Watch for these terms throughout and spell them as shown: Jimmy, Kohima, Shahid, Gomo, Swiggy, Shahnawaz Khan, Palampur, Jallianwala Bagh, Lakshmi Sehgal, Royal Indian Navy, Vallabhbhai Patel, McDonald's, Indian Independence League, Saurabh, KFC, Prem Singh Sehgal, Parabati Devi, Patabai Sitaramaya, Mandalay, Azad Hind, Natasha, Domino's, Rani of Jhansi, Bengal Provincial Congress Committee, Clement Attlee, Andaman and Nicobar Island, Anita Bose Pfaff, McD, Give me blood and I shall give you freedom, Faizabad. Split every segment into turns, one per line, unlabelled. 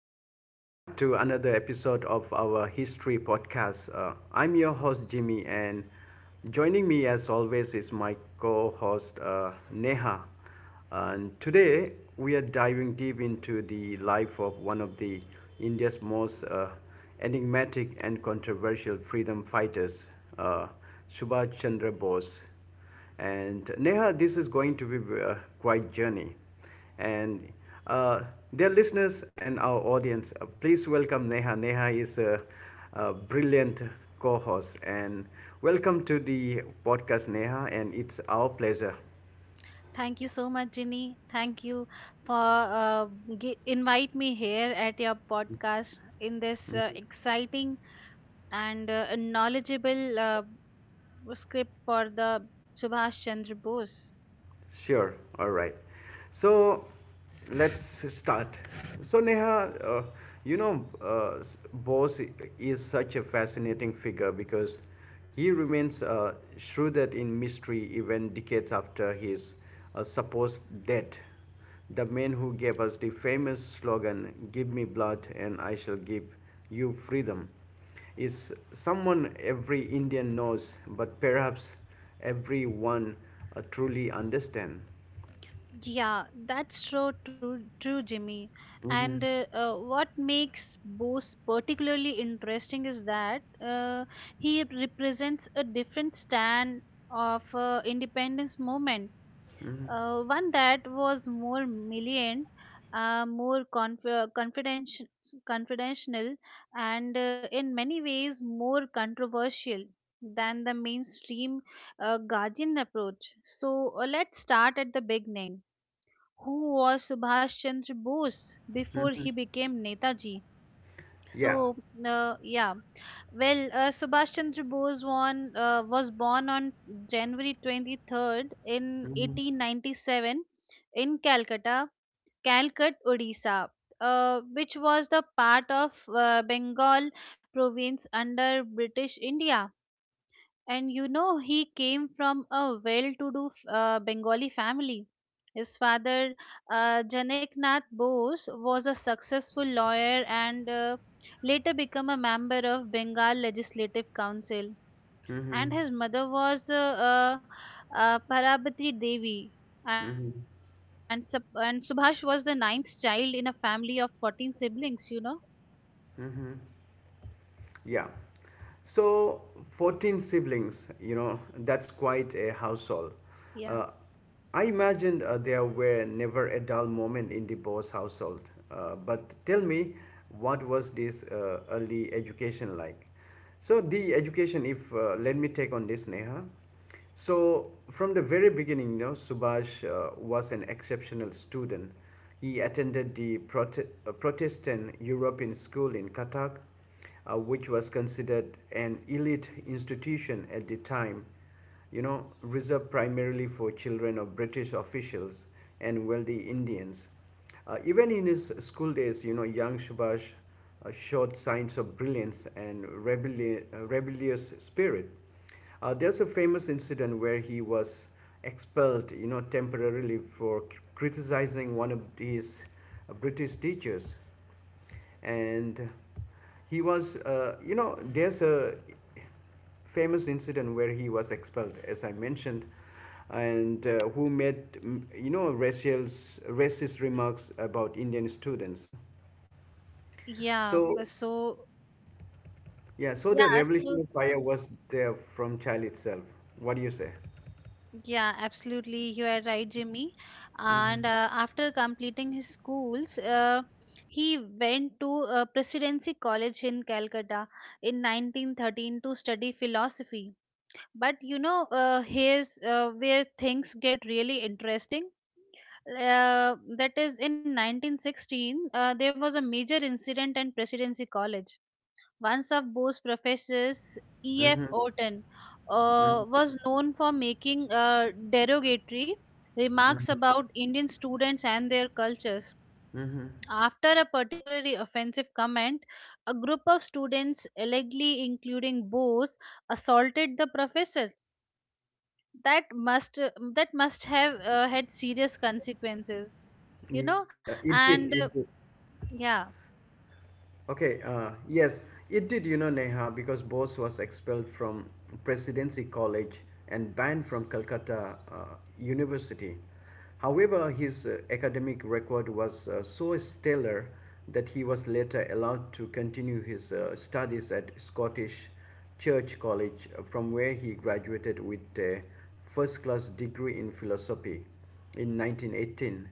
and welcome back to another episode of our history podcast. I'm your host, Jimmy, and joining me, as always, is my co host, Neha. And today, we are diving deep into the life of one of the India's most enigmatic and controversial freedom fighters, uh, Subhash Chandra Bose. And Neha, this is going to be a quite journey. And uh, Dear listeners and our audience, please welcome Neha. Neha is a brilliant co-host, and welcome to the podcast, Neha. And it's our pleasure.
Thank you so much, Ginny. Thank you for uh, invite me here at your podcast in this exciting and knowledgeable script for the Subhash Chandra Bose.
Sure. All right. So let's start. So Neha, Bose is such a fascinating figure because he remains shrouded in mystery even decades after his supposed death. The man who gave us the famous slogan, give me blood and I shall give you freedom, is someone every Indian knows, but perhaps everyone truly understands.
Yeah, that's so true, Jimmy. And
Mm-hmm.
what makes Bose particularly interesting is that he represents a different stand of independence movement, one that was more militant, more confidential, and in many ways more controversial than the mainstream Guardian approach. So let's start at the beginning. Who was Subhash Chandra Bose before he became Netaji?
Yeah.
So uh, yeah, Subhash Chandra Bose won, was born on January 23rd in 1897 in Calcutta, Calcut, Odisha, which was the part of Bengal province under British India. And you know, he came from a well to do Bengali family. His father, Janaknath Bose, was a successful lawyer and later became a member of Bengal Legislative Council.
Mm-hmm.
And his mother was Parabati Devi. And,
Mm-hmm.
Subhash was the ninth child in a family of 14 siblings, you know?
Mm-hmm. Yeah. So 14 siblings, you know, that's quite a household.
Yeah.
Uh, I imagined there were never a dull moment in the Bose household. But tell me, what was this early education like? So the education, if let me take on this, Neha. So from the very beginning, you know, Subhash was an exceptional student. He attended the Protestant European school in Katak, which was considered an elite institution at the time, you know, reserved primarily for children of British officials and wealthy Indians. Even in his school days, you know, young Subhash showed signs of brilliance and rebellious spirit. There's a famous incident where he was expelled, you know, temporarily for criticizing one of his British teachers, and he was, you know, there's a famous incident where he was expelled, as I mentioned, and who made, you know, racist remarks about Indian students.
Yeah,
So
so,
yeah, so the
yeah, so
revolutionary fire was there from child itself. What do you say?
Yeah, absolutely. You are right, Jimmy. And after completing his schools, he went to Presidency College in Calcutta in 1913 to study philosophy. But you know, here's where things get really interesting. That is, in 1916, there was a major incident in Presidency College. Once of Bose's professors, E.F.
Mm-hmm.
Orton, was known for making derogatory remarks about Indian students and their cultures.
Mm-hmm.
After a particularly offensive comment, a group of students, allegedly including Bose, assaulted the professor. That must that must have had serious consequences, you know.
Yes, it did.
And uh,
It did.
yeah,
Okay. Yes, it did. You know, Neha, because Bose was expelled from Presidency College and banned from Calcutta University. However, his academic record was so stellar that he was later allowed to continue his studies at Scottish Church College, from where he graduated with a first class degree in philosophy in 1918.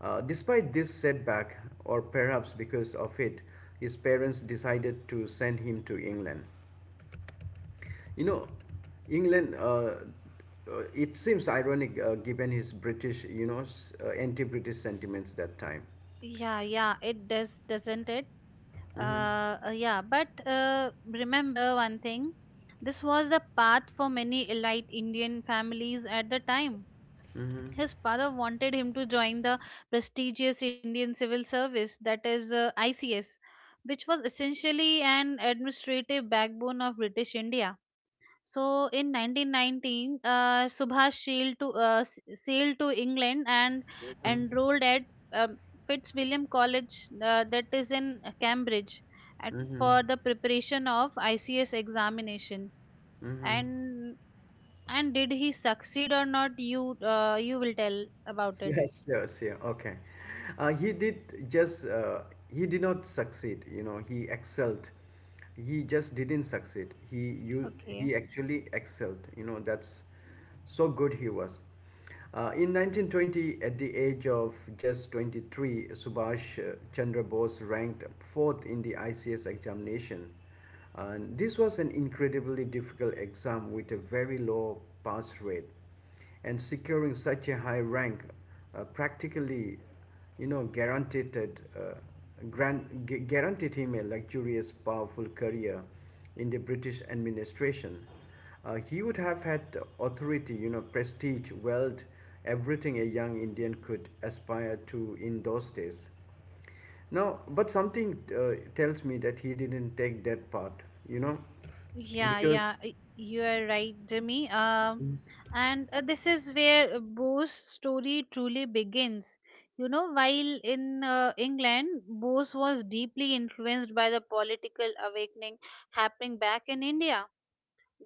Despite this setback, or perhaps because of it, his parents decided to send him to England. You know, England, it seems ironic given his British, you know, s- anti British sentiments that time.
Yeah, yeah, it does, doesn't it?
Mm-hmm.
Yeah, but remember one thing, this was the path for many elite Indian families at the time.
Mm-hmm.
His father wanted him to join the prestigious Indian Civil Service, that is ICS, which was essentially an administrative backbone of British India. So in 1919, Subhash sailed to England and enrolled at um Fitzwilliam College, that is in Cambridge, at,
Mm-hmm.
for the preparation of ICS examination.
Mm-hmm.
And and did he succeed or not? You you will tell about it.
Yes, yes, yeah, okay. Uh, he did just, uh, he did not succeed, you know, he excelled. He just didn't succeed. He, you,
Okay.
He actually excelled, you know, that's so good he was. In 1920, at the age of just 23, Subhash Chandra Bose ranked fourth in the ICS examination. And this was an incredibly difficult exam with a very low pass rate, and securing such a high rank practically, you know, guaranteed guaranteed him a luxurious powerful career in the British administration. Uh, he would have had authority, you know, prestige, wealth, everything a young Indian could aspire to in those days. Now, but something tells me that he didn't take that part, you know, because
You are right, Jimmy. And this is where Bose's story truly begins. You know, while in England, Bose was deeply influenced by the political awakening happening back in India.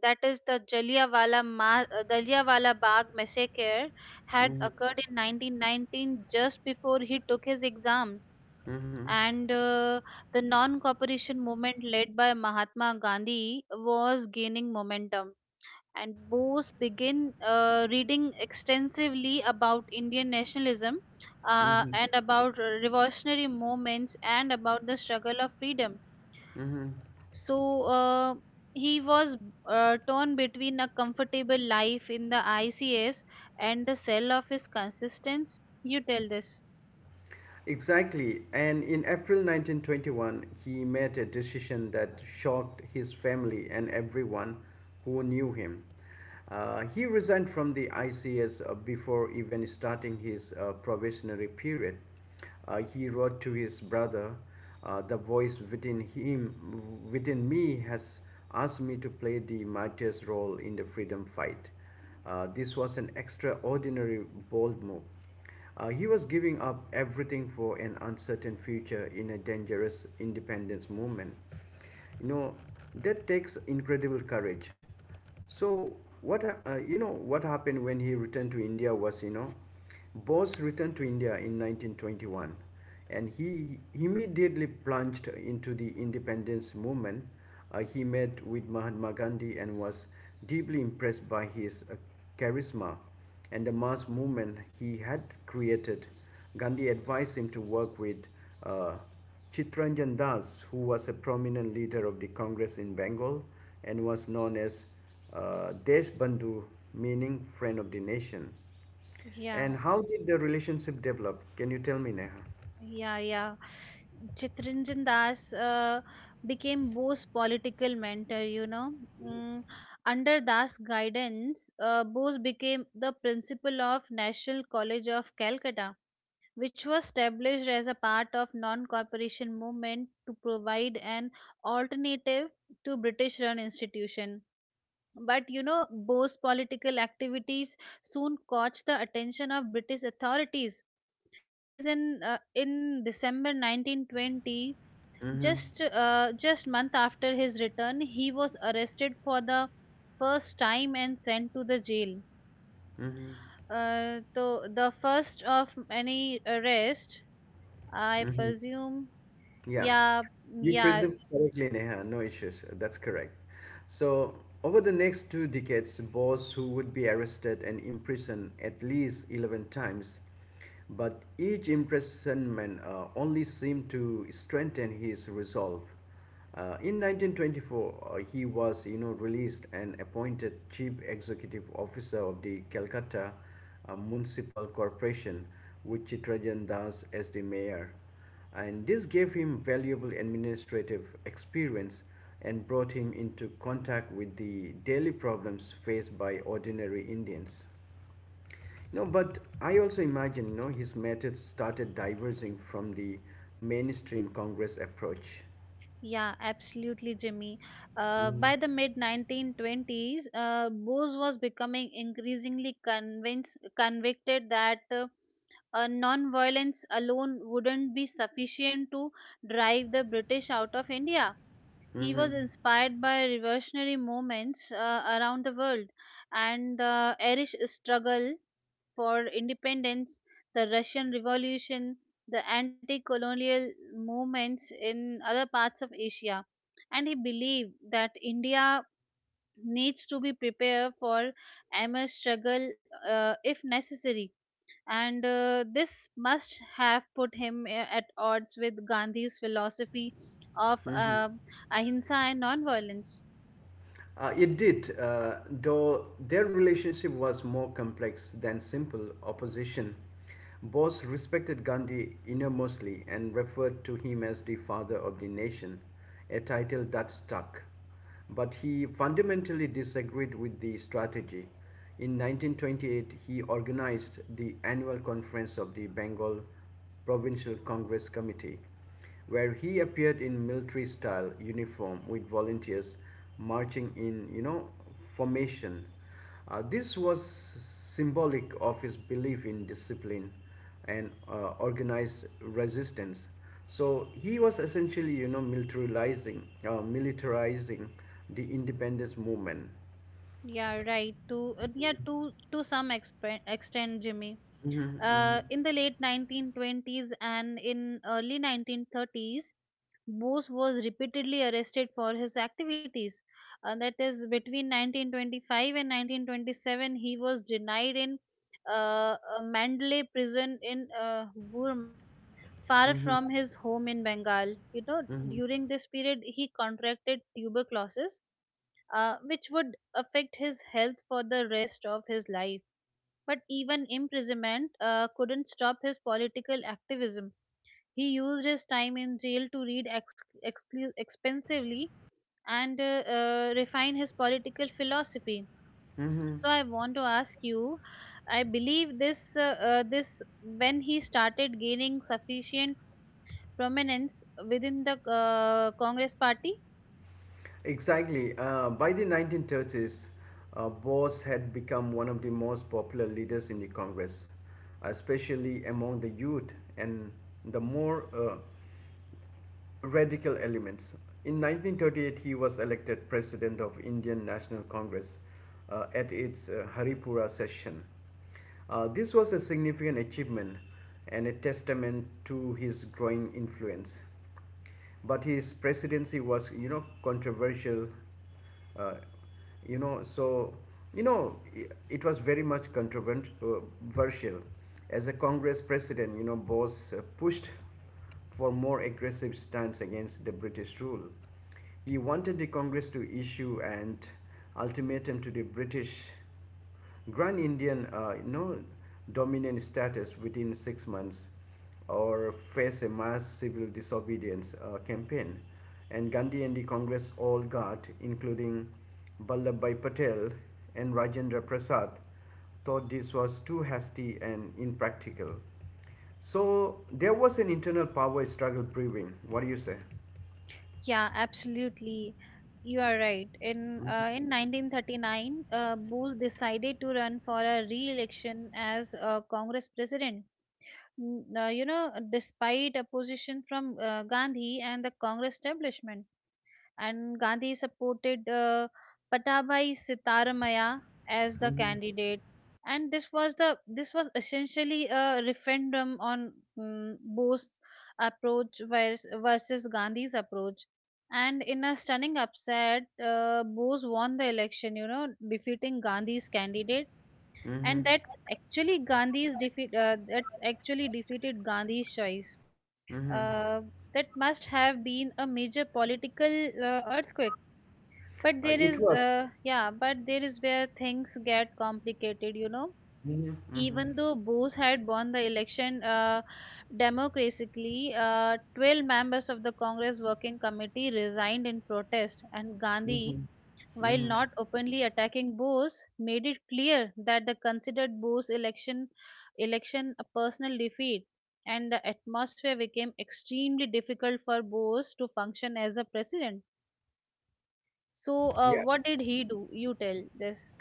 That is, the Jallianwala Bagh massacre had
Mhm.
occurred in 1919, just before he took his exams
Mhm.
and the non-cooperation movement led by Mahatma Gandhi was gaining momentum. And Bose began reading extensively about Indian nationalism
Mhm.
and about revolutionary movements and about the struggle of freedom.
Mhm.
So he was torn between a comfortable life in the ICS and the cell of his consistence. You tell this.
Exactly. And in April 1921, he made a decision that shocked his family and everyone who knew him. He resigned from the ICS before even starting his probationary period. He wrote to his brother, the voice within him, within me, has asked me to play the martyr's role in the freedom fight. This was an extraordinary bold move. He was giving up everything for an uncertain future in a dangerous independence movement. You know, that takes incredible courage. So, what happened when he returned to India was, you know, Bose returned to India in 1921, and he immediately plunged into the independence movement. He met with Mahatma Gandhi and was deeply impressed by his charisma and the mass movement he had created. Gandhi advised him to work with uh, Chittranjan Das, who was a prominent leader of the Congress in Bengal and was known as Desh Bandhu, meaning friend of the nation.
Yeah,
And how did the relationship develop? Can you tell me, Neha?
yeah, yeah. Chitranjan Das became Bose's political mentor, you know. Mm, under Das' guidance, Bose became the principal of National College of Calcutta, which was established as a part of non-cooperation movement to provide an alternative to British-run institution. But you know, Bose's political activities soon caught the attention of British authorities. That is in December 1920,
Mm-hmm.
just month after his return, he was arrested for the first time and sent to the jail.
Mm-hmm.
So the first of any arrest, I presume.
Yeah,
Yeah,
you
yeah,
presume correctly, Neha. No issues. That's correct. So, over the next two decades, Bose, who would be arrested and imprisoned at least 11 times, but each imprisonment only seemed to strengthen his resolve. In 1924, he was, you know, released and appointed chief executive officer of the Calcutta Municipal Corporation, with Chitrajan Das as the mayor, and this gave him valuable administrative experience and brought him into contact with the daily problems faced by ordinary Indians. No, but I also imagine, you know, his methods started diverging from the mainstream Congress approach.
yeah, absolutely, Jimmy.
Mm.
By the mid 1920s, Bose was becoming increasingly convinced convicted that. Non-violence alone wouldn't be sufficient to drive the British out of India. He
Mm-hmm.
was inspired by revolutionary movements around the world and the Irish struggle for independence, the Russian Revolution, the anti colonial movements in other parts of Asia. And he believed that India needs to be prepared for MS struggle if necessary and this must have put him at odds with Gandhi's philosophy of ahimsa and nonviolence.
It did, though their relationship was more complex than simple opposition. Bose respected Gandhi enormously and referred to him as the father of the nation, a title that stuck. But he fundamentally disagreed with the strategy. In 1928, he organized the annual conference of the Bengal Provincial Congress Committee, where he appeared in military style uniform with volunteers marching in, you know, formation. Uh, this was symbolic of his belief in discipline and organized resistance. So he was essentially, you know, militarizing the independence movement.
Yeah, right. To yeah, to some extent, Jimmy.
Mhm, mhm.
In the late 1920s and in early 1930s, Bose was repeatedly arrested for his activities. That is, between 1925 and 1927, he was denied in Mandalay prison in Burma, far from his home in Bengal. You know, during this period, he contracted tuberculosis, which would affect his health for the rest of his life. But even imprisonment couldn't stop his political activism. He used his time in jail to read expensively and refine his political philosophy. So I want to ask you, I believe this this when he started gaining sufficient prominence within the Congress party.
Exactly. By the 1930s, Bose had become one of the most popular leaders in the Congress, especially among the youth and the more radical elements. In 1938, he was elected president of Indian National Congress at its Haripura session. This was a significant achievement and a testament to his growing influence. But his presidency was, you know, controversial. uh, you know so it was very much controversial. As a Congress president, you know, Bose pushed for more aggressive stance against the British rule. He wanted the Congress to issue an ultimatum to the British, grant Indian you know, dominant status within 6 months or face a mass civil disobedience campaign. And Gandhi and the Congress all got, including Vallabhbhai Patel and Rajendra Prasad, thought this was too hasty and impractical. So there was an internal power struggle brewing. What do you say?
Yeah, absolutely. You are right. In 1939, Bose decided to run for a re-election as Congress president. Despite opposition from Gandhi and the Congress establishment. And Gandhi supported Patabai Sitaramaya as the
Mhm.
candidate. And this was essentially a referendum on Bose's approach versus Gandhi's approach. And in a stunning upset, Bose won the election. You know, defeating Gandhi's candidate and that actually Gandhi's defeat that's actually defeated Gandhi's choice.
Mhm.
Uh, that must have been a major political earthquake. But there
It
is
was.
uh, yeah, but there is where things get complicated, you know.
Mhm. Mhm.
Even though Bose had won the election democratically, 12 members of the Congress Working Committee resigned in protest, and Gandhi,
Mhm.
while
Mhm.
not openly attacking Bose, made it clear that they considered Bose's election a personal defeat, and the atmosphere became extremely difficult for Bose to function as a president. So,
Yeah.
what did he do? You tell this.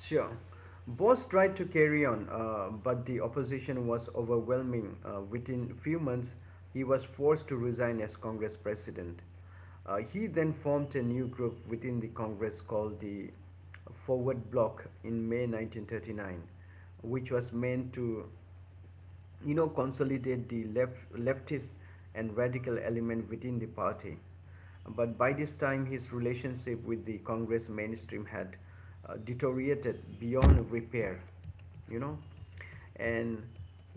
Sure. Both tried to carry on, but the opposition was overwhelming. Within few months, he was forced to resign as Congress president. He then formed a new group within the Congress called the Forward Bloc in May 1939, which was meant to, you know, consolidate the leftist and radical element within the party. But by this time, his relationship with the Congress mainstream had deteriorated beyond repair, you know. And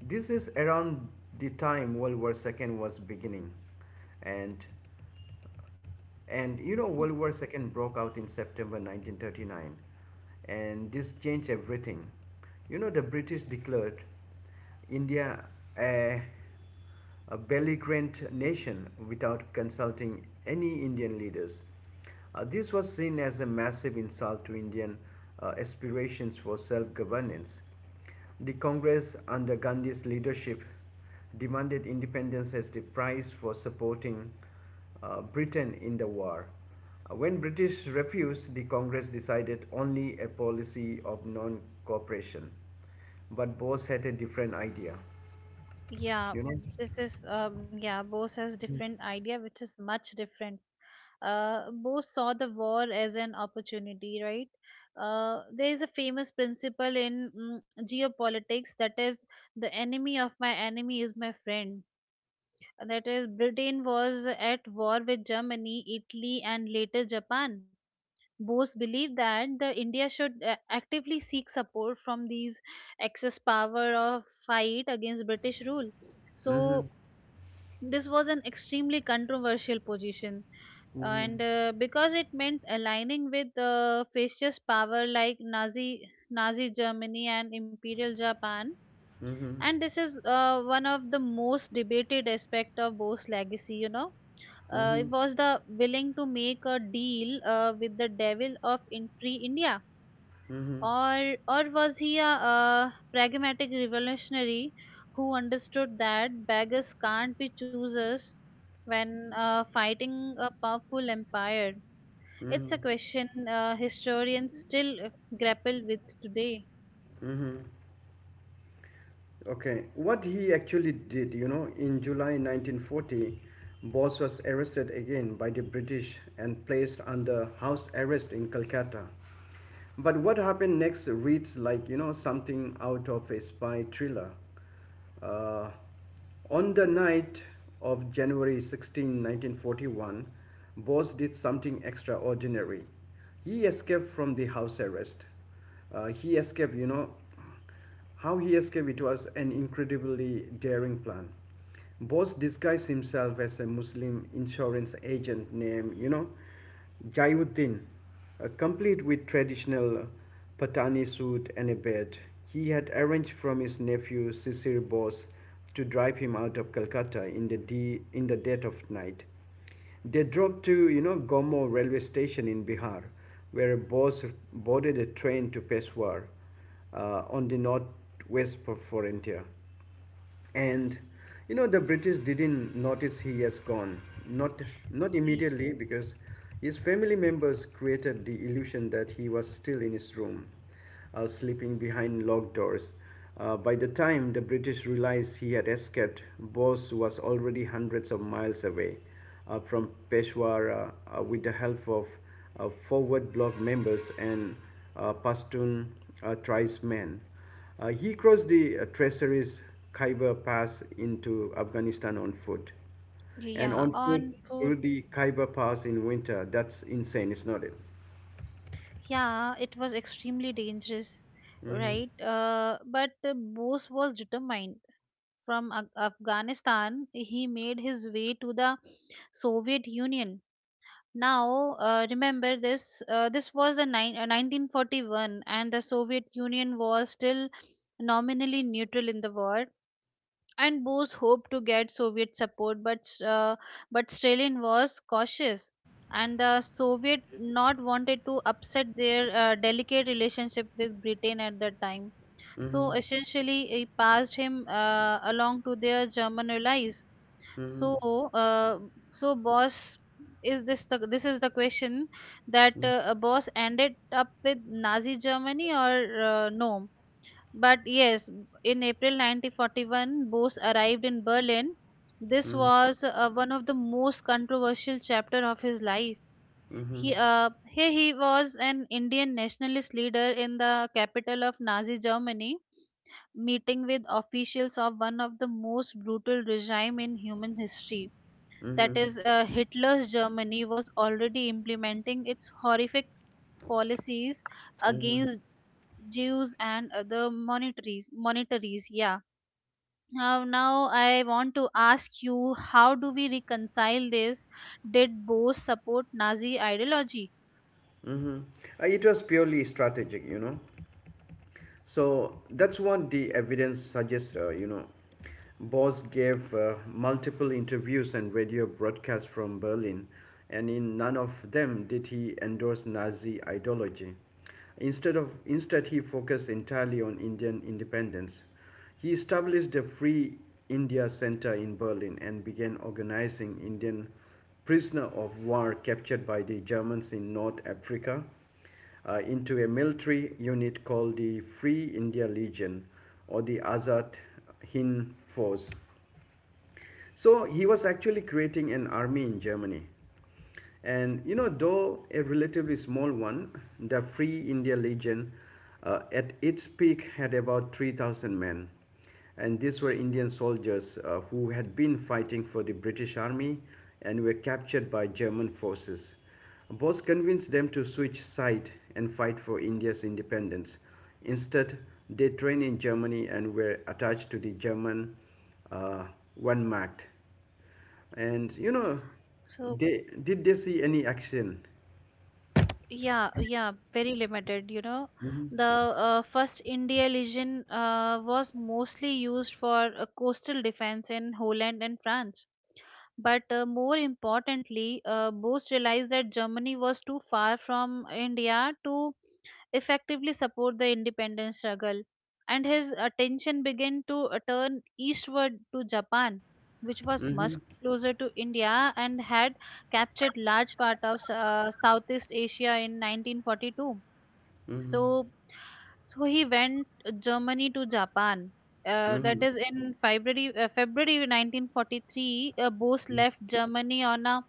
this is around the time World War II was beginning. And and you know, World War II broke out in September 1939, and this changed everything. You know, the British declared India a, a belligerent nation without consulting any Indian leaders. This was seen as a massive insult to Indian aspirations for self governance. The Congress under Gandhi's leadership demanded independence as the price for supporting Britain in the war. When British refused, the Congress decided only a policy of non-cooperation. But Bose had a different idea,
Yeah,
you know.
Bose has different idea, which is much different. Bose saw the war as an opportunity, right? There is a famous principle in geopolitics, that is, the enemy of my enemy is my friend. That is, Britain was at war with Germany, Italy, and later Japan. Bose believed that the India should actively seek support from these excess power of fight against British rule.
Mhm.
So this was an extremely controversial position
Mhm.
and because it meant aligning with fascist power like Nazi Germany and Imperial Japan.
Mhm.
And this is one of the most debated aspect of Bose's legacy. You know, it
Mhm.
was the willing to make a deal with the devil of in free India,
Mhm.
or was he a, pragmatic revolutionary who understood that beggars can't be choosers when fighting a powerful empire? It's
Mhm.
a question historians still grapple with today.
Mhm. Okay, what he actually did, you know, in July 1940, Bose was arrested again by the British and placed under house arrest in Calcutta. But what happened next reads like, you know, something out of a spy thriller. Uh, on the night of January 16, 1941, Bose did something extraordinary. He escaped from the house arrest. He escaped, you know, how he escaped, it was an incredibly daring plan. Bose disguised himself as a Muslim insurance agent named, you know, Jayuddin, complete with traditional Patani suit and a bed. He had arranged from his nephew Sisir Bose to drive him out of Calcutta in the, in the dead of night. They drove to, you know, Gomo railway station in Bihar, where a boss boarded a train to Peshawar on the northwest for. And you know the British didn't notice he has gone. Not Not
Y-
immediately because his family members created the illusion that he was still in his room sleeping behind locked doors. By the time the British realized he had escaped, Bose was already hundreds of miles away from Peshawar, with the help of forward bloc members and Pashtun tribesmen. He crossed the treacherous Khyber Pass into Afghanistan on foot. And
Yeah,
on foot
on food.
through the Khyber Pass in winter, that's insane, is not it?
Yeah, it was extremely dangerous, right? But Bose was determined. From Afghanistan, he made his way to the Soviet Union. Now, remember this. This was the nine 1941, and the Soviet Union was still nominally neutral in the war. And Bose hoped to get Soviet support, but Stalin was cautious, and the Soviet not wanted to upset their delicate relationship with Britain at that time.
Mm-hmm.
So essentially, he passed him along to their German allies.
Mm-hmm.
So, uh, so boss, is this the this is the question that a boss ended up with Nazi Germany or no? But yes, in April 1941, Bose arrived in Berlin. This
Mm-hmm.
was one of the most controversial chapter of his life.
Mm-hmm.
Here he was an Indian nationalist leader in the capital of Nazi Germany, meeting with officials of one of the most brutal regime in human history. That
Mm-hmm.
is, Hitler's Germany was already implementing its horrific policies against Jews and other monetaries. Monetaries, yeah. Now, now I want to ask you, how do we reconcile this? Did both support Nazi ideology?
Mm-hmm. It was purely strategic, you know. So that's what the evidence suggests, you know. Bose gave multiple interviews and radio broadcasts from Berlin, and in none of them did he endorse Nazi ideology. Instead he focused entirely on Indian independence. He established the Free India Center in Berlin and began organizing Indian prisoner of war captured by the Germans in North Africa into a military unit called the Free India Legion or the Azad Hind Force, so he was actually creating an army in Germany. And, you know, though a relatively small one, the Free India Legion at its peak had about 3,000 men. And these were Indian soldiers who had been fighting for the British army and were captured by German forces. Bose convinced them to switch side and fight for India's independence. Instead, they trained in Germany and were attached to the German uh, one marked. And, you know,
So
they did they see any action?
yeah, yeah, very limited. You know,
Mm-hmm.
the first India Legion was mostly used for coastal defense in Holland and France. But more importantly, Bose realized that Germany was too far from India to effectively support the independence struggle, and his attention began to turn eastward to Japan, which was
Mm-hmm.
much closer to India and had captured large part of Southeast Asia in 1942. So, he went Germany to Japan. That
Mm-hmm.
is in February, February 1943. Bose left Germany on a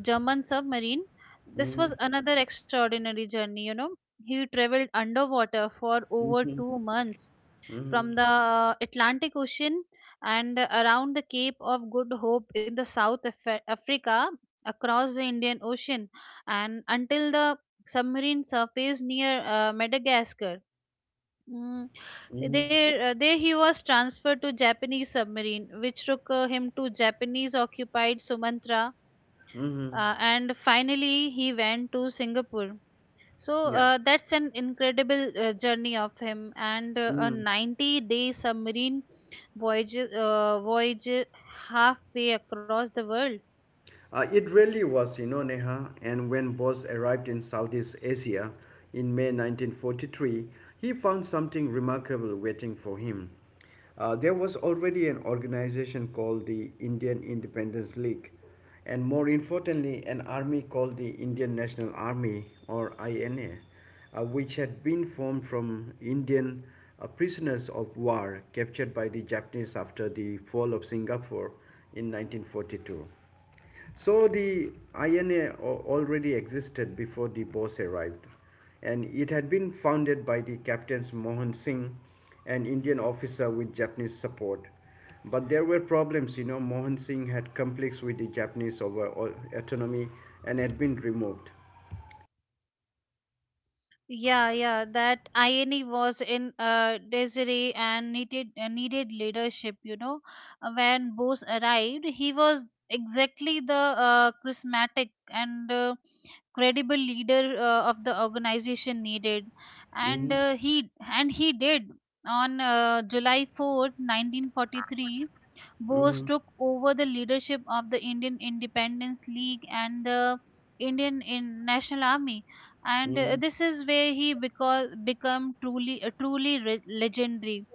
German submarine. This
Mm-hmm.
was another extraordinary journey, you know. He traveled underwater for over
Mm-hmm.
2 months
Mm-hmm.
from the Atlantic Ocean and around the Cape of Good Hope in the South Africa across the Indian Ocean and until the submarine surfaced near Madagascar. Mm,
Mm-hmm.
there he was transferred to Japanese submarine, which took him to Japanese occupied Sumatra
Mm-hmm.
and finally he went to Singapore. So
Yeah.
that's an incredible journey of him, and a
Mm-hmm.
90-day submarine voyage halfway across the world.
It really was, you know, Neha. And when Bose arrived in Southeast Asia in May 1943, he found something remarkable waiting for him. There was already an organization called the Indian Independence League, and more importantly, an army called the Indian National Army or INA, which had been formed from Indian prisoners of war captured by the Japanese after the fall of Singapore in 1942. So the INA already existed before the Bose arrived, and it had been founded by the captains Mohan Singh, an Indian officer with Japanese support. But there were problems, you know. Mohan Singh had conflicts with the Japanese over autonomy and had been removed.
Yeah, yeah, that INE was in Desiree and needed needed leadership. You know, when Bose arrived, he was exactly the charismatic and credible leader of the organization needed, and
Mm-hmm,
he did. On July 4th, 1943, Bose
mm-hmm,
took over the leadership of the Indian Independence League and the Indian in National Army, and
mm-hmm,
this is where he because become truly truly re- legendary.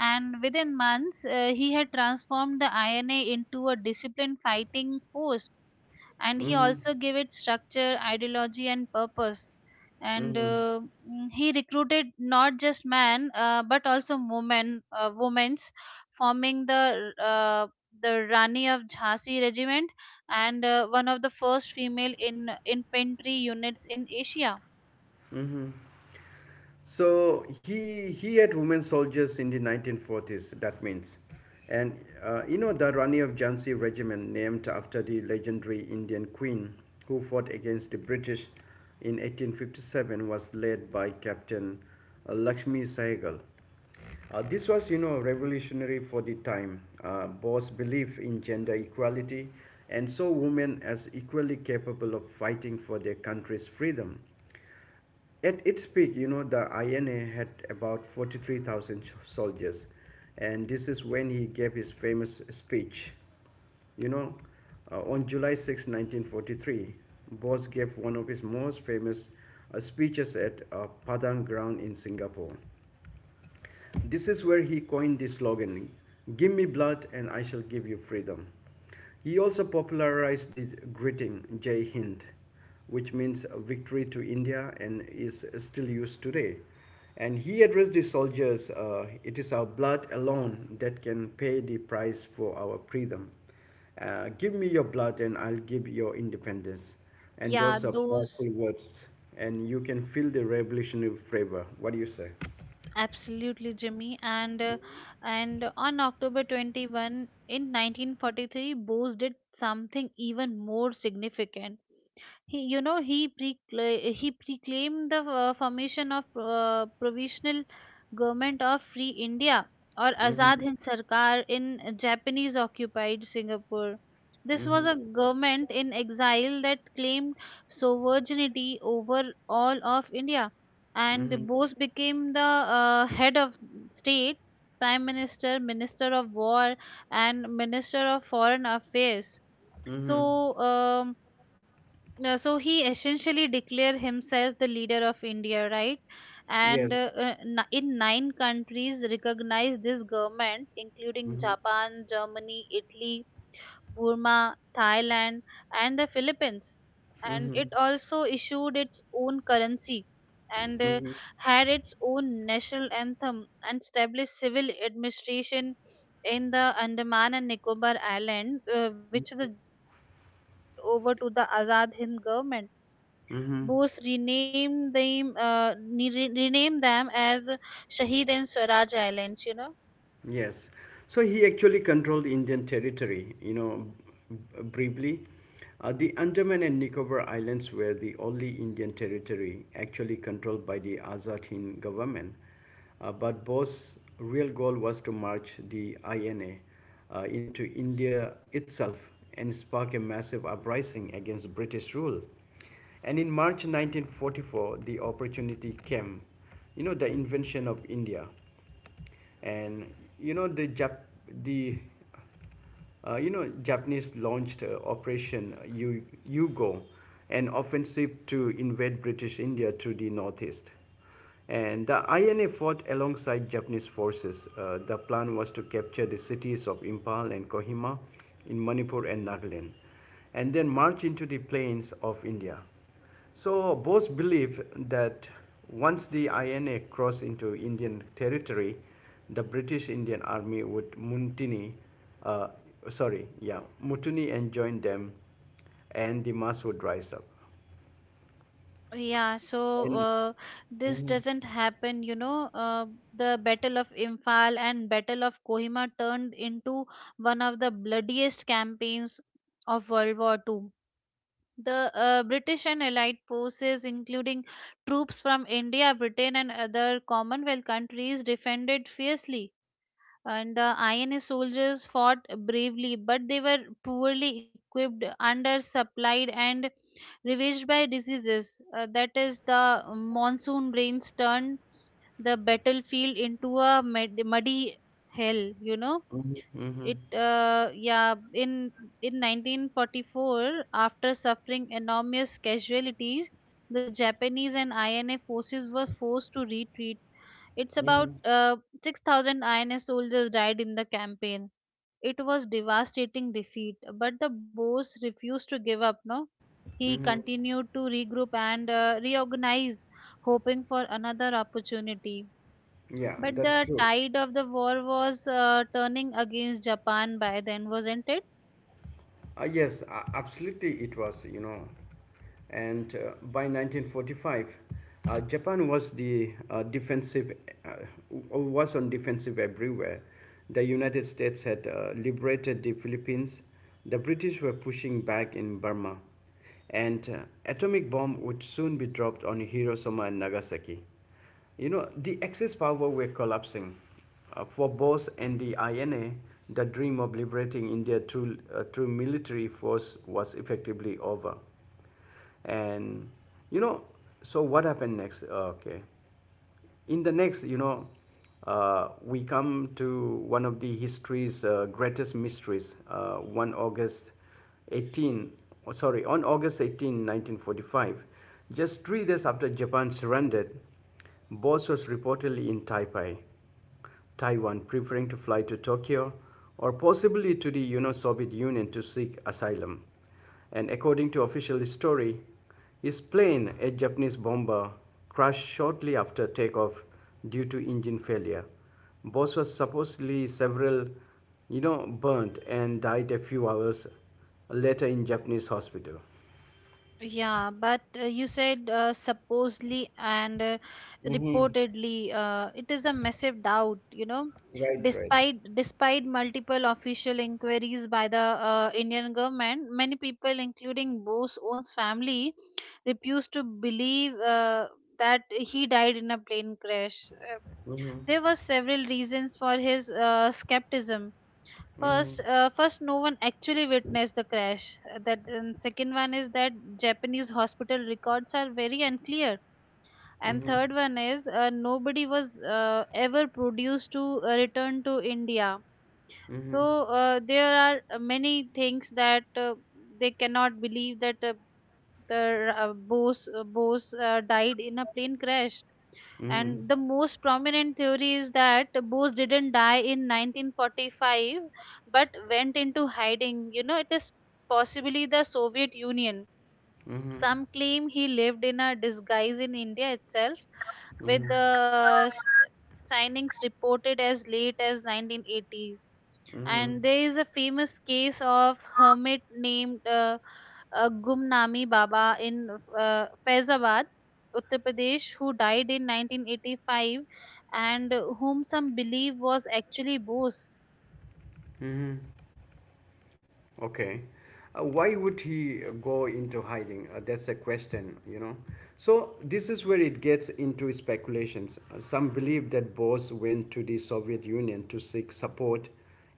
And within months he had transformed the INA into a disciplined fighting force, and he
mm-hmm,
also gave it structure, ideology, and purpose. And
mm-hmm.
he recruited not just men but also women women's forming the Rani of Jhansi regiment, and one of the first female in infantry units in Asia.
Mm-hmm. So he had women soldiers in the 1940s. That means, and you know the Rani of Jhansi regiment, named after the legendary Indian queen who fought against the British in 1857, was led by Captain Lakshmi Sehgal. This was, you know, revolutionary for the time. Bose believed in gender equality and saw women as equally capable of fighting for their country's freedom. At its peak, you know, the INA had about 43,000 soldiers, and this is when he gave his famous speech. You know, on July 6, 1943, Bose gave one of his most famous speeches at Padang Ground in Singapore. This is where he coined the slogan, "Give me blood and I shall give you freedom." He also popularized the greeting, "Jai Hind," which means victory to India and is still used today. And he addressed the soldiers, "It is our blood alone that can pay the price for our freedom. Give me your blood and I'll give your independence." And
Yeah,
those are
those
powerful words. And you can feel the revolutionary flavor. What do you say?
absolutely, Jimmy. And on October 21 in 1943, Bose did something even more significant. He, you know, he proclaimed the formation of provisional government of Free India, or
Mm-hmm.
Azad Hind Sarkar, in Japanese occupied Singapore. This was
Mm-hmm.
a government in exile that claimed sovereignty over all of India, and
Mm-hmm.
Bose became the head of state, prime minister, minister of war, and minister of foreign affairs. So.
Mm-hmm.
Um, so he essentially declared himself the leader of India, right? And
Yes.
in nine countries recognized this government, including
Mm-hmm.
Japan, Germany, Italy, Burma, Thailand, and the Philippines. And
Mm-hmm.
it also issued its own currency, and
Mm-hmm.
had its own national anthem and established civil administration in the Andaman and Nicobar Island, which the Japanese had handed over to the Azad Hind government.
Mm-hmm.
Bose renamed them, renamed them as Shahid and Swaraj Islands, you know.
Yes. So he actually controlled Indian territory, you know, briefly. The Andaman and Nicobar Islands were the only Indian territory actually controlled by the Azad Hind government. But Bose's real goal was to march the INA into India itself and spark a massive uprising against British rule. And in March 1944, the opportunity came, you know, the invention of India, and you know the Jap- the you know Japanese launched Operation Yugo, an offensive to invade British India through the northeast. And the INA fought alongside Japanese forces. The plan was to capture the cities of Impal and Kohima in Manipur and Nagaland, and then march into the plains of India. So Bose believed that once the INA crossed into Indian territory, the British Indian Army would mutiny, uh, sorry, yeah, mutiny and join them, and the mass would rise up.
Yeah, so
And,
this doesn't happen, you know. The Battle of Imphal and Battle of Kohima turned into one of the bloodiest campaigns of World War Two. The British and Allied forces, including troops from India, Britain, and other Commonwealth countries, defended fiercely. And the INA soldiers fought bravely, but they were poorly equipped, undersupplied, and ravaged by diseases. That is, the monsoon rains turned the battlefield into a muddy hell. You know,
hmm,
it. Uh, yeah, in in 1944, after suffering enormous casualties, the Japanese and INA forces were forced to retreat. It's about
hmm,
6,000 INA soldiers died in the campaign. It was devastating defeat, but the Boers refused to give up. No, he
hmm,
continued to regroup and reorganize, hoping for another opportunity.
yeah,
But
that's
the
true.
tide of the war was turning against Japan by then, wasn't it?
Yes, absolutely, it was, you know. And by 1945, Japan uh, was on defensive everywhere. The United States had liberated the Philippines. The British were pushing back in Burma, and atomic bomb would soon be dropped on Hiroshima and Nagasaki. You know, the Axis power were collapsing. For Bose and the INA, the dream of liberating India through military force was effectively over. And, you know, so what happened next? Okay, in the next, you know, we come to one of the history's greatest mysteries. 1 August 18, oh, sorry, on August 18, 1945, just 3 days after Japan surrendered, Bose was reportedly in Taipei, Taiwan, preferring to fly to Tokyo or possibly to the, you know, Soviet Union to seek asylum. And according to official story, his plane, a Japanese bomber, crashed shortly after takeoff due to engine failure. Boss was supposedly several, you know, burnt and died a few hours later in Japanese hospital.
Yeah, but you said supposedly and
Mm-hmm.
reportedly, it is a massive doubt, you know.
Right, right.
Despite multiple official inquiries by the Indian government, many people, including Bose own family, refused to believe that he died in a plane crash.
Mm-hmm.
There were several reasons for his skepticism.
Mm-hmm.
First, no one actually witnessed the crash. That, and second one is that Japanese hospital records are very unclear. And
Mm-hmm.
third one is nobody was ever produced to return to India.
Mm-hmm.
So there are many things that they cannot believe that the boss died in a plane crash,
Mm-hmm.
and the most prominent theory is that Bose didn't die in 1945, but went into hiding, you know, it is possibly the Soviet Union.
Mm-hmm.
Some claim he lived in a disguise in India itself, with
Mm-hmm.
signings reported as late as 1980s.
Mm-hmm.
And there is a famous case of hermit named Gumnami Baba in Faizabad, Uttar Pradesh, who died in 1985, and whom some believe was actually Bose.
Mm-hmm. Okay. Why would he go into hiding? That's a question, you know. So this is where it gets into speculations. Some believe that Bose went to the Soviet Union to seek support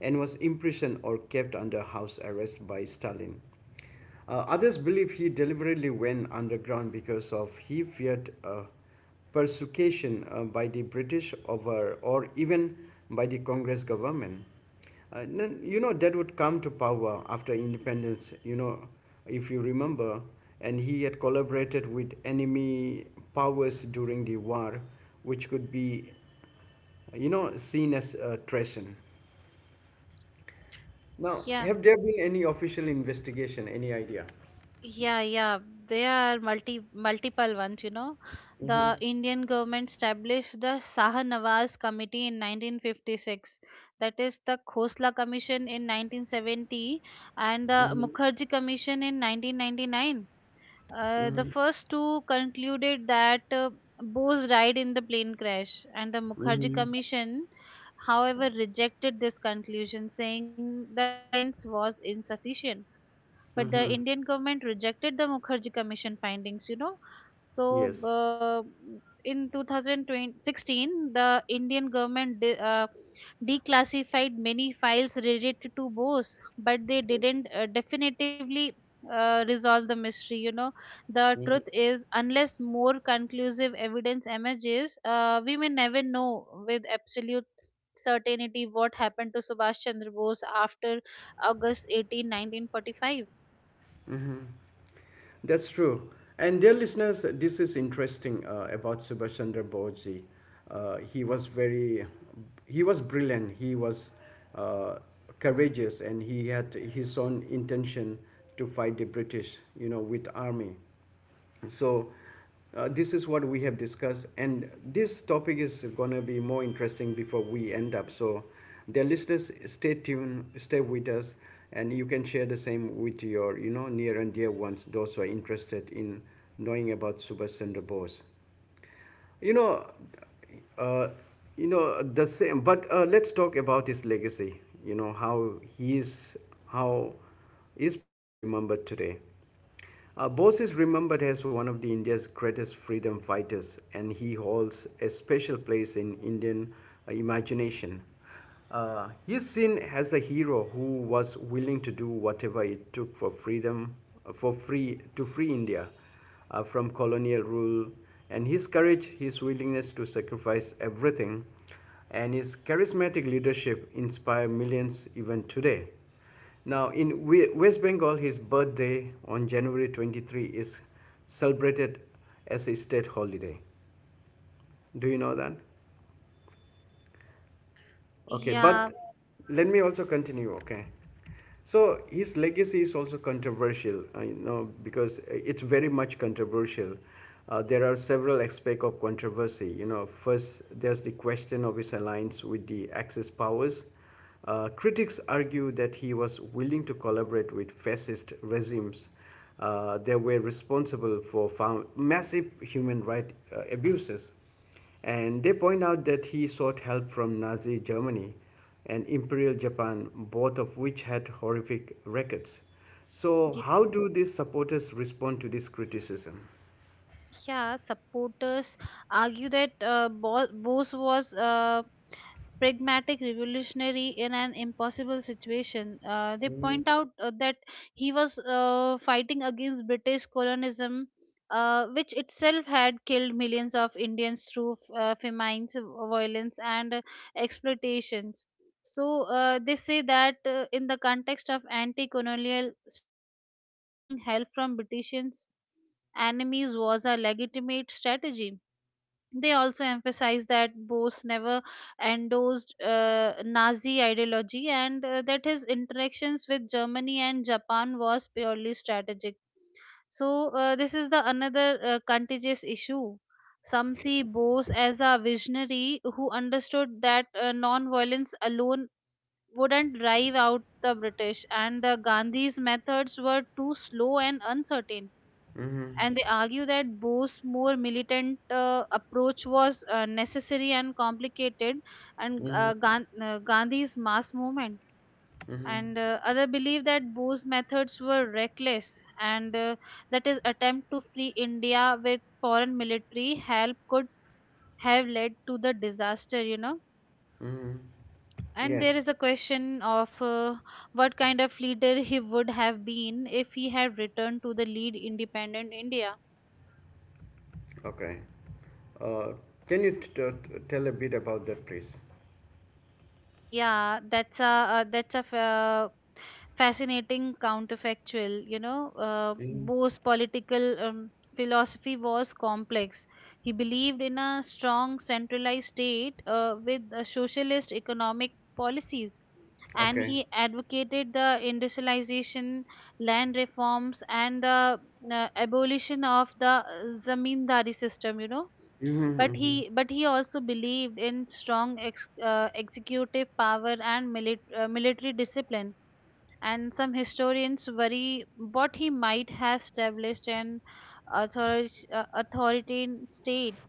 and was imprisoned or kept under house arrest by Stalin. Others believe he deliberately went underground because of he feared persecution by the British over, or even by the Congress government. Then, you know, that would come to power after independence. You know, if you remember, and he had collaborated with enemy powers during the war, which could be, you know, seen as treason. Now,
Yeah.
have there been any official investigation? Any idea?
Yeah, yeah, there are multiple ones. You know, the
Hmm.
Indian government established the Shah Nawaz Committee in 1956. That is the Khosla Commission in 1970, and the
Hmm.
Mukherjee Commission in 1999. The first two concluded that Bose died in the plane crash, and the Mukherjee
Mhm.
Commission, however, rejected this conclusion, saying the evidence was insufficient. But the
Mm-hmm.
Indian government rejected the Mukherjee Commission findings, you know. So,
Yes.
in 2016, the Indian government declassified many files related to Bose, but they didn't definitively resolve the mystery. You know, the
Mm-hmm.
truth is, unless more conclusive evidence emerges, we may never know with absolute certainty what happened to Subhash Chandra Bose after August 18, 1945.
That's true. And dear listeners, this is interesting about Subhash Chandra Bose ji. Uh, he was very, he was brilliant. He was uh, courageous, and he had his own intention to fight the British, you know, with army. So this is what we have discussed, and this topic is gonna be more interesting before we end up. So, dear listeners, stay tuned, stay with us, and you can share the same with your, you know, near and dear ones, those who are interested in knowing about Subhash Chandra Bose. You know, uh, the same. But let's talk about his legacy. You know, how is Bose remembered today? Bose is remembered as one of the India's greatest freedom fighters, and he holds a special place in Indian imagination. He's seen as a hero who was willing to do whatever it took for freedom, for free to free India from colonial rule, and his courage, his willingness to sacrifice everything, and his charismatic leadership inspire millions even today. Now, in West Bengal, his birthday on January 23 is celebrated as a state holiday. Do you know that? Okay, but
Yeah,
let me also continue. Okay, so his legacy is also controversial. You know, because it's very much controversial. There are several aspects of controversy. You know, first there's the question of his alliance with the Axis powers. Critics argue that he was willing to collaborate with fascist regimes, they were responsible for found massive human rights abuses. And they point out that he sought help from Nazi Germany and Imperial Japan, both of which had horrific records. So,
y-
how do these supporters respond to this criticism?
yeah. Supporters argue that Bose was pragmatic revolutionary in an impossible situation. They point out that he was fighting against British colonialism, which itself had killed millions of Indians through famines, violence, and exploitations. So they say that in the context of anti-colonial struggle, seeking help from British enemies was a legitimate strategy. They also emphasize that Bose never endorsed Nazi ideology, and that his interactions with Germany and Japan was purely strategic. So this is the another contagious issue. Some see Bose as a visionary who understood that non-violence alone wouldn't drive out the British, and the Gandhi's methods were too slow and uncertain.
Mm-hmm.
And they argue that Bose's more militant approach was necessary and complicated, and
Mm-hmm.
Gandhi's mass movement.
Mm-hmm.
And other believe that Bose's methods were reckless, and that his attempt to free India with foreign military help could have led to the disaster. You know.
Mm-hmm.
And there
Yes.
is a question of what kind of leader he would have been if he had returned to the lead independent India.
Okay. Uh, can you tell a bit about that, please?
Yeah, that's a fascinating counterfactual. You know,
Mm.
Bose's political philosophy was complex. He believed in a strong centralized state with socialist economic policies, and
Okay.
he advocated the industrialization, land reforms, and the abolition of the zamindari system. You know,
Mm-hmm,
but
mm-hmm,
he but he also believed in strong executive power and military discipline. And some historians worry what he might have established an author- authoritarian state,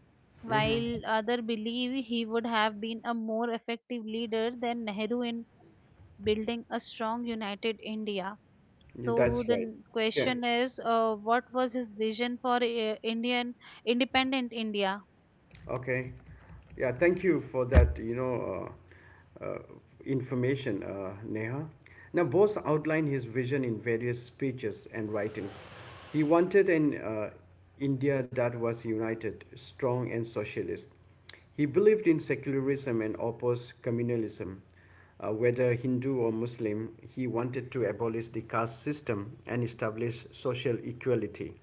mm-hmm.
while others believe he would have been a more effective leader than Nehru in building a strong united India. So
That's
the
right. Yeah.
question is, what was his vision for indian independent India?
Okay. Yeah, thank you for that, you know, uh, uh, information, Neha. Now, Bose outlined his vision in various speeches and writings. He wanted an India that was united, strong, and socialist. He believed in secularism and opposed communalism. Whether Hindu or Muslim, he wanted to abolish the caste system and establish social equality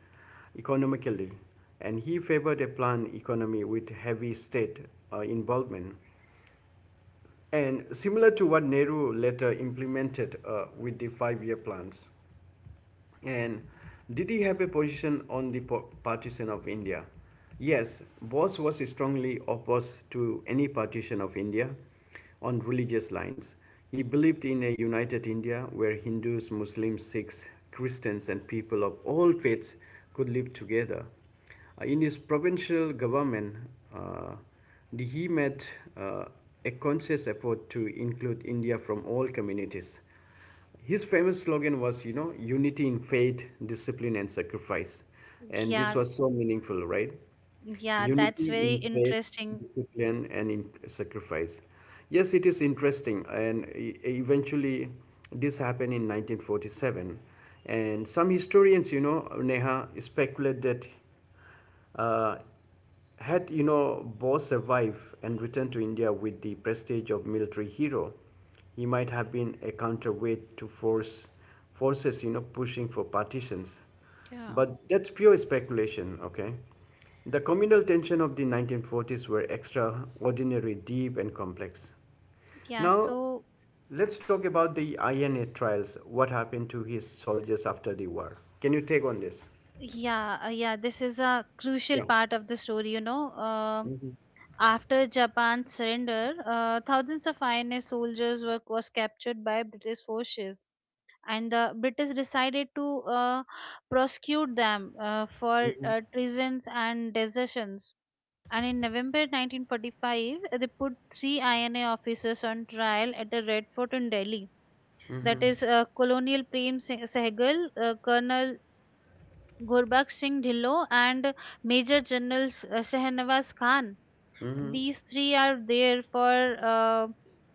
economically. And he favored a planned economy with heavy state involvement. And similar to what Nehru later implemented with the 5-year plans. And did he have a position on the partition of India? Yes, Bose was strongly opposed to any partition of India on religious lines. He believed in a united India where Hindus, Muslims, Sikhs, Christians, and people of all faiths could live together. In his provincial government, uh, he made uh, a conscious effort to include India from all communities. His famous slogan was, you know, "Unity in faith, discipline, and sacrifice." And this
Yeah.
was so meaningful, right?
Yeah, that's
Unity
very
in faith,
interesting.
discipline, and in sacrifice. Yes, it is interesting. And eventually, this happened in 1947. And some historians, you know, Neha, speculate that. Uh, Had you know Bose survived and returned to India with the prestige of military hero, he might have been a counterweight to forces you know pushing for partitions.
Yeah.
But that's pure speculation, okay? The communal tension of the 1940s were extraordinary, deep, and complex.
Yeah,
Now,
so
let's talk about the INA trials. What happened to his soldiers after the war? Can you take on this?
yeah, this is a crucial part of the story, you know. After Japan's surrender, thousands of INA soldiers were was captured by British forces, and the British decided to uh, prosecute them for treasons and desertions. And in November 1945, they put three INA officers on trial at the Red Fort in Delhi, that is Colonel Prem Singh Sehgal, Colonel Gurbakh Singh Dhillo, and Major General Shahnawaz Khan.
Yeah.
These three are there for uh,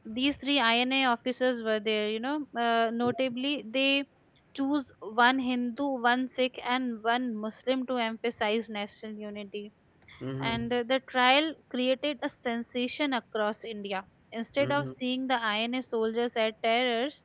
these three INA officers were there. You know, notably they choose one Hindu, one Sikh, and one Muslim to emphasize national unity.
Mm-hmm.
And the trial created a sensation across India. Instead of
Mm-hmm.
seeing the INA soldiers as terrors,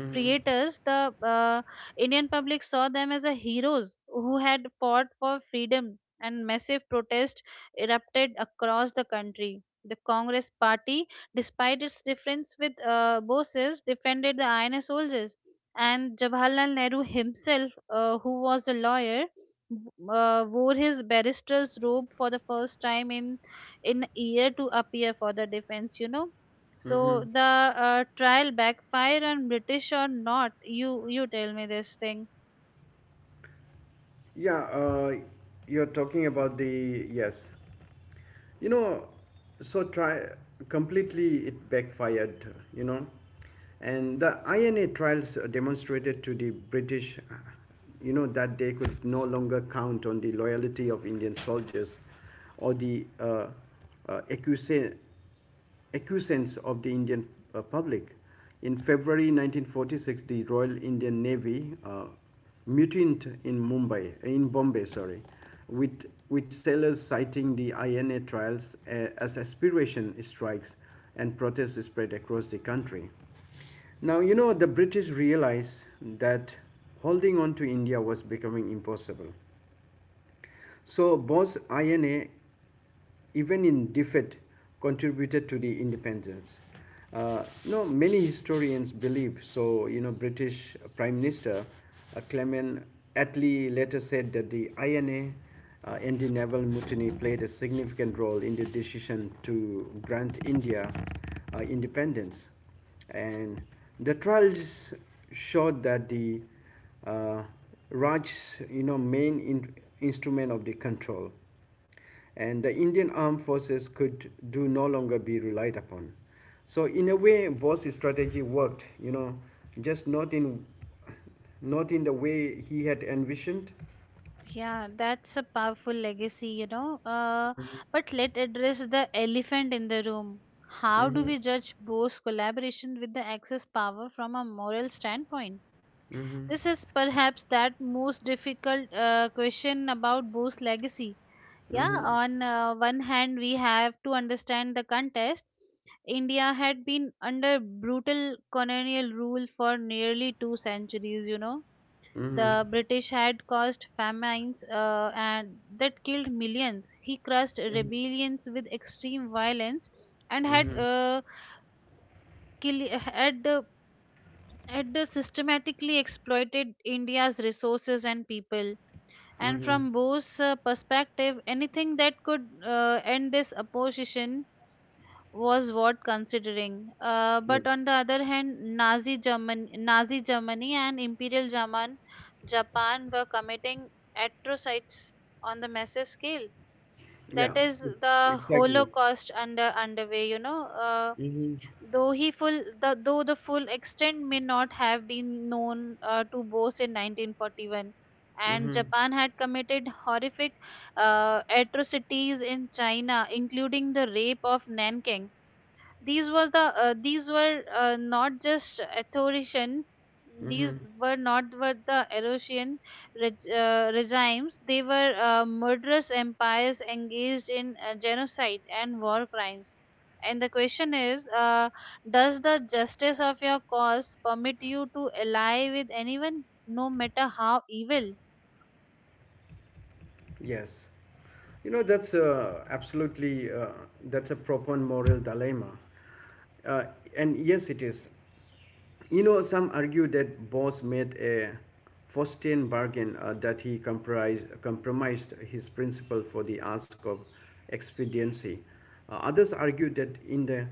Mm-hmm.
creators, the Indian public saw them as a heroes who had fought for freedom, and massive protest erupted across the country. The Congress Party, despite its difference with bosses, defended the INA soldiers. And Jawaharlal Nehru himself, who was a lawyer, wore his barrister's robe for the first time in a year to appear for the defense. You know, so
Mm-hmm.
the trial backfire on British or not? You tell me this thing.
Yeah, you're talking about the yes. You know, so try completely it backfired, you know. And the INA trials demonstrated to the British, you know, that they could no longer count on the loyalty of Indian soldiers or the uh, acquiescence acquiescence of the Indian public. In February 1946, the Royal Indian Navy mutinied in Mumbai, in Bombay, sorry, with sailors citing the INA trials as aspiration strikes and protests spread across the country. Now, you know, the British realized that holding on to India was becoming impossible. So both INA, even in defeat, contributed to the independence. You know many historians believe so. You know, British Prime Minister Clement Attlee later said that the INA and the naval mutiny played a significant role in the decision to grant India independence. And the trials showed that the uh, Raj's you know, main instrument of the control and the Indian armed forces could do no longer be relied upon. So in a way, Bose's strategy worked, you know, just not in, not in the way he had envisioned.
Yeah, that's a powerful legacy, you know. But let address the elephant in the room. How do
Mm-hmm.
we judge Bose's collaboration with the Axis power from a moral standpoint?
Mm-hmm.
This is perhaps that most difficult question about Bose's legacy. Yeah,
Mm-hmm.
on one hand, we have to understand the contest. India had been under brutal colonial rule for nearly two centuries, you know.
Mm-hmm.
The British had caused famines and that killed millions. He crushed rebellions with extreme violence and had
Mm-hmm.
kill had had systematically exploited India's resources and people. And
Mm-hmm.
from Bose's perspective, anything that could end this opposition was worth considering.
Yeah.
But on the other hand, Nazi Germany and Imperial German Japan were committing atrocities on the massive scale.
Yeah.
That is the
Exactly.
Holocaust under underway. You know,
Mm-hmm.
though the full extent may not have been known to Bose in 1941, and
Mm-hmm.
Japan had committed horrific atrocities in China, including the rape of Nanking. These was the uh, these were uh, not just authorian, these
Mm-hmm.
were not were the Eurasian regimes, they were murderous empires engaged in genocide and war crimes. And the question is, does the justice of your cause permit you to ally with anyone no matter how evil?
Yes. You know, that's Absolutely, that's a proper moral dilemma. Uh, and yes, it is. You know, some argue that Boss made a Faustian bargain that he compromised his principle for the ask of expediency. Others argue that in the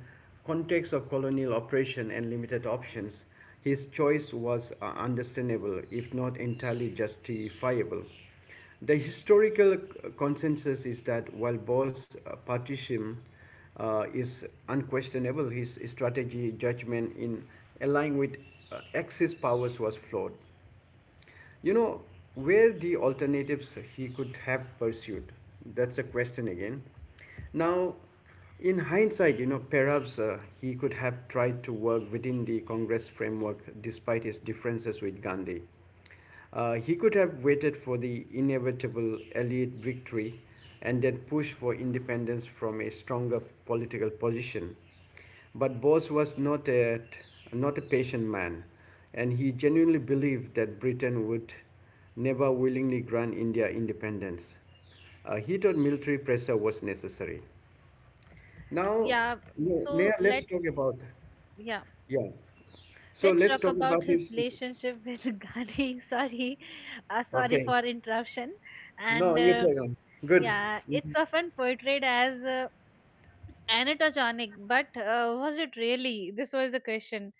context of colonial oppression and limited options, his choice was understandable, if not entirely justifiable. The historical consensus is that while Bo's partition is unquestionable, his strategy judgment in aligning with Axis powers was flawed. You know, where the alternatives he could have pursued? That's a question again. Now, in hindsight, you know, perhaps he could have tried to work within the Congress framework despite his differences with Gandhi. He could have waited for the inevitable elite victory and then pushed for independence from a stronger political position. But Bose was not a patient man, and he genuinely believed that Britain would never willingly grant India independence. He thought military pressure was necessary. Now,
Yeah,
Neha,
so
let's
let
talk about,
yeah
yeah. So
let's
let's
talk
talk
about
about
his
his,
relationship with Gandhi. Sorry, sorry
okay.
for interruption. And
No, you take on. Good.
yeah,
Mm-hmm.
it's often portrayed as anatogenic, but was it really? This was the question.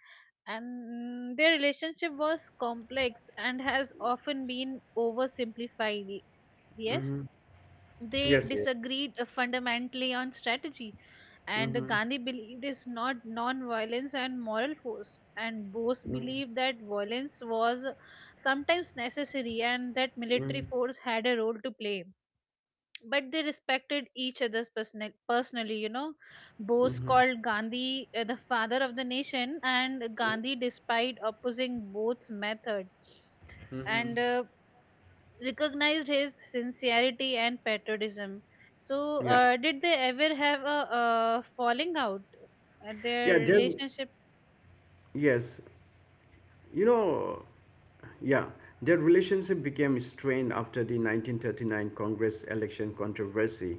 And their relationship was complex and has often been oversimplified. Yes,
Mm-hmm.
they
Yes, yes.
disagreed fundamentally on strategy, and
Mm-hmm.
Gandhi believed is not non-violence and moral force, and Bose
Mm-hmm.
believed that violence was sometimes necessary and that military
Mm-hmm.
force had a role to play. But they respected each other's personal, personally, you know. Bose called Gandhi the father of the nation, and Gandhi, despite opposing Bose's method, and recognized his sincerity and patriotism. So,
Yeah.
did they ever have a falling out at
Yeah,
their
there,
relationship?
yes. You know, yeah, their relationship became strained after the 1939 Congress election controversy.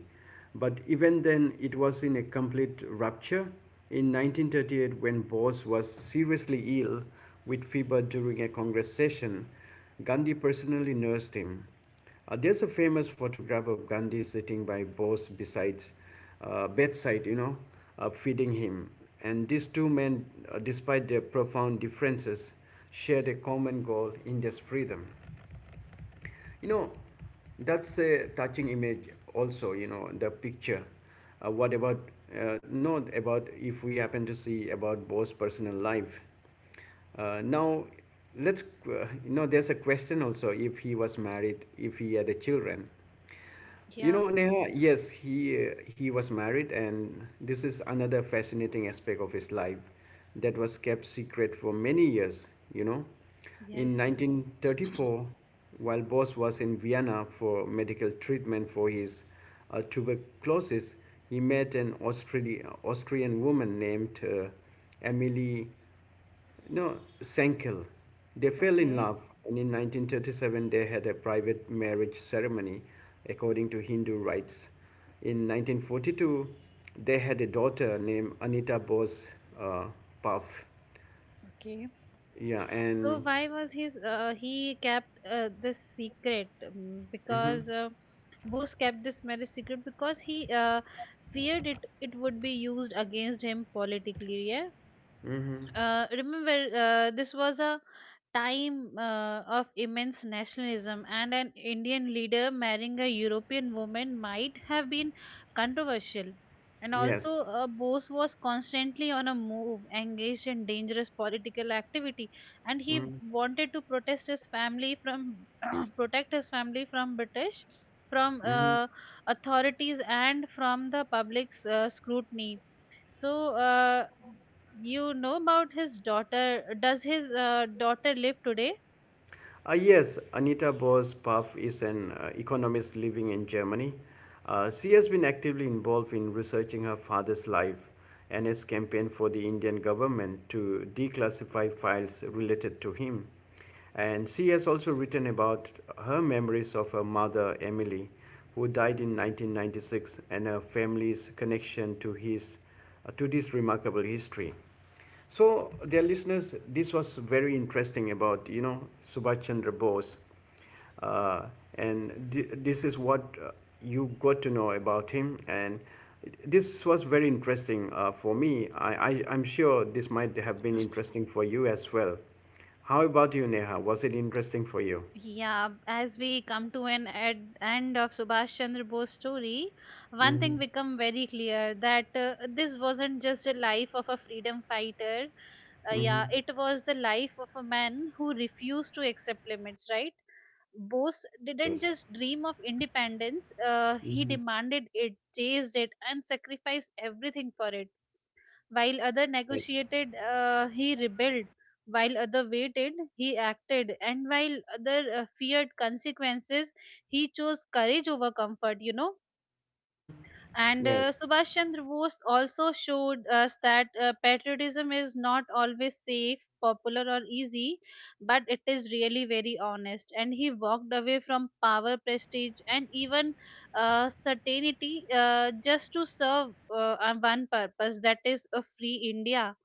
But even then, it was in a complete rupture. In 1938, when Bose was seriously ill with fever during a Congress session, Gandhi personally nursed him. There's a famous photograph of Gandhi sitting by Bose besides bedside, you know, feeding him. And these two men, despite their profound differences, shared a common goal: India's freedom. You know, that's a touching image. Also, you know, the picture. What about not about if we happen to see about Bose's personal life? Now, let's, you know, there's a question also if he was married, if he had a children. You
Yeah,
know, Neha, yes, he was married, and this is another fascinating aspect of his life that was kept secret for many years. You know, in
yes.
1934, while Boss was in Vienna for medical treatment for his tuberculosis, he met an Austrian woman named Emily no, Senkel. They fell in
Okay.
love, and in 1937 they had a private marriage ceremony according to Hindu rites. In 1942, they had a daughter named Anita Bose uh, Puff.
Okay.
Yeah,
So,
and.
why was his he kept this secret?
hmm
Because Bose kept this marriage secret because he feared it would be used against him politically. Yeah.
hmm
Remember, this was a time of immense nationalism, and an Indian leader marrying a European woman might have been controversial. And also
Yes.
Bose was constantly on a move, engaged in dangerous political activity, and he
Mm-hmm.
wanted to protest his family from protect his family from British from
Mm-hmm.
authorities and from the public's scrutiny. So you know about his daughter. Does his daughter live today?
Yes, Anita Boas Puff is an economist living in Germany. She has been actively involved in researching her father's life and has campaigned for the Indian government to declassify files related to him. And she has also written about her memories of her mother, Emily, who died in 1996, and her family's connection to this remarkable history. So, dear listeners, this was very interesting about you know Subhash Chandra Bose, uh, and this is what you got to know about him. And this was very interesting for me. I'm sure this might have been interesting for you as well. How about you, Neha? Was it interesting for you?
Yeah, as we come to an end of Subhash Chandra Bose story, one thing
Mm-hmm.
become very clear that this wasn't just a life of a freedom fighter.
Mm-hmm.
Yeah, it was the life of a man who refused to accept limits, right? Bose
Yes.
didn't
Yes.
just dream of independence, he
Mm-hmm.
demanded it, chased it, and sacrificed everything for it. While other
Yes.
negotiated, he rebelled. While other waited, he acted. And while other feared consequences, he chose courage over comfort, you know.
Mm-hmm.
And
Yes.
Subhash Chandra Bose also showed us that patriotism is not always safe, popular, or easy, but it is really very honest. And he walked away from power, prestige, and even certainty just to serve one purpose, that is a free India.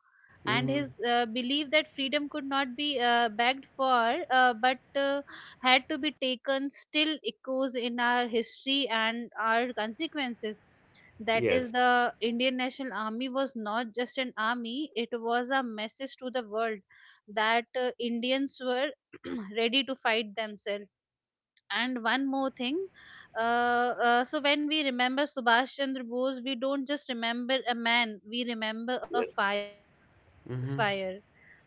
And
Mm-hmm.
his belief that freedom could not be begged for but had to be taken still echoes in our history and our consequences. That is
Yes.
the Indian National Army was not just an army, it was a message to the world that indians were ready to fight themselves. And one more thing, uh, so when we remember Subhash Chandra Bose, we don't just remember a man, we remember a
Yes.
fire. He is
Mm-hmm.
fire.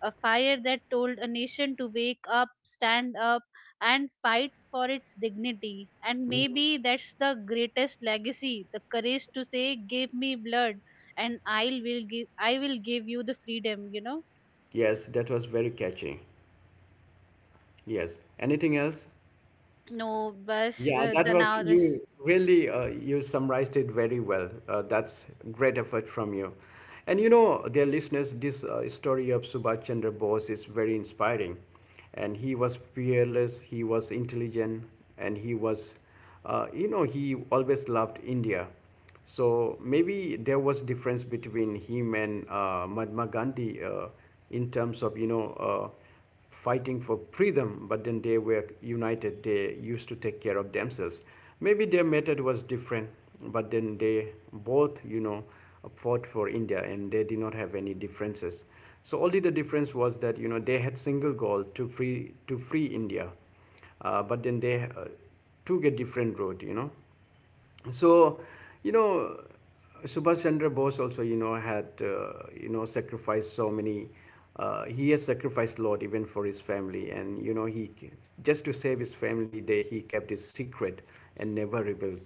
A fire that told a nation to wake up, stand up, and fight for its dignity. And
Mm-hmm.
maybe that's the greatest legacy, the courage to say, "Give me blood, and I will give you the freedom," you know.
Yes, that was very catchy. Yes. Anything else?
No, but
Yeah, that
the
was
now this
you really you summarized it very well. That's great effort from you. And you know, dear listeners, this story of Subhash Chandra Bose is very inspiring. And he was fearless, he was intelligent, and he was, you know, he always loved India. So maybe there was difference between him and Mahatma Gandhi in terms of you know uh, fighting for freedom, but then they were united. They used to take care of themselves. Maybe their method was different, but then they both, you know, fought for India and they did not have any differences. So only the difference was that you know they had single goal to free India, but then they took a different road. You know, so you know subhash chandra bose also you know had you know sacrificed so many he has sacrificed a lot even for his family and you know he just to save his family they he kept his secret and never revealed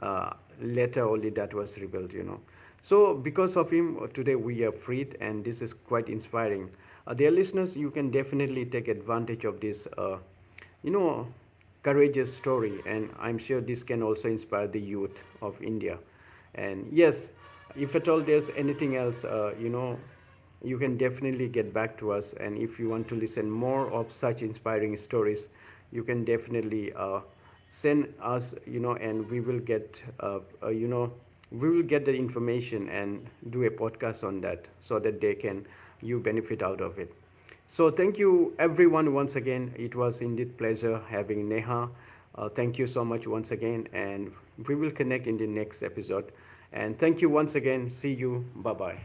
uh, later only that was revealed you know so because of him today we are freed and this is quite inspiring dear listeners you can definitely take advantage of this you know courageous story, and I'm sure this can also inspire the youth of India. And yes, if at all there's anything else, you know, you can definitely get back to us. And if you want to listen more of such inspiring stories, you can definitely send us, you know, and we will get, you know, we will get the information and do a podcast on that so that they can you benefit out of it. So thank you everyone once again. It was indeed pleasure having Neha. Thank you so much once again, and we will connect in the next episode. And thank you once again. See you. Bye bye.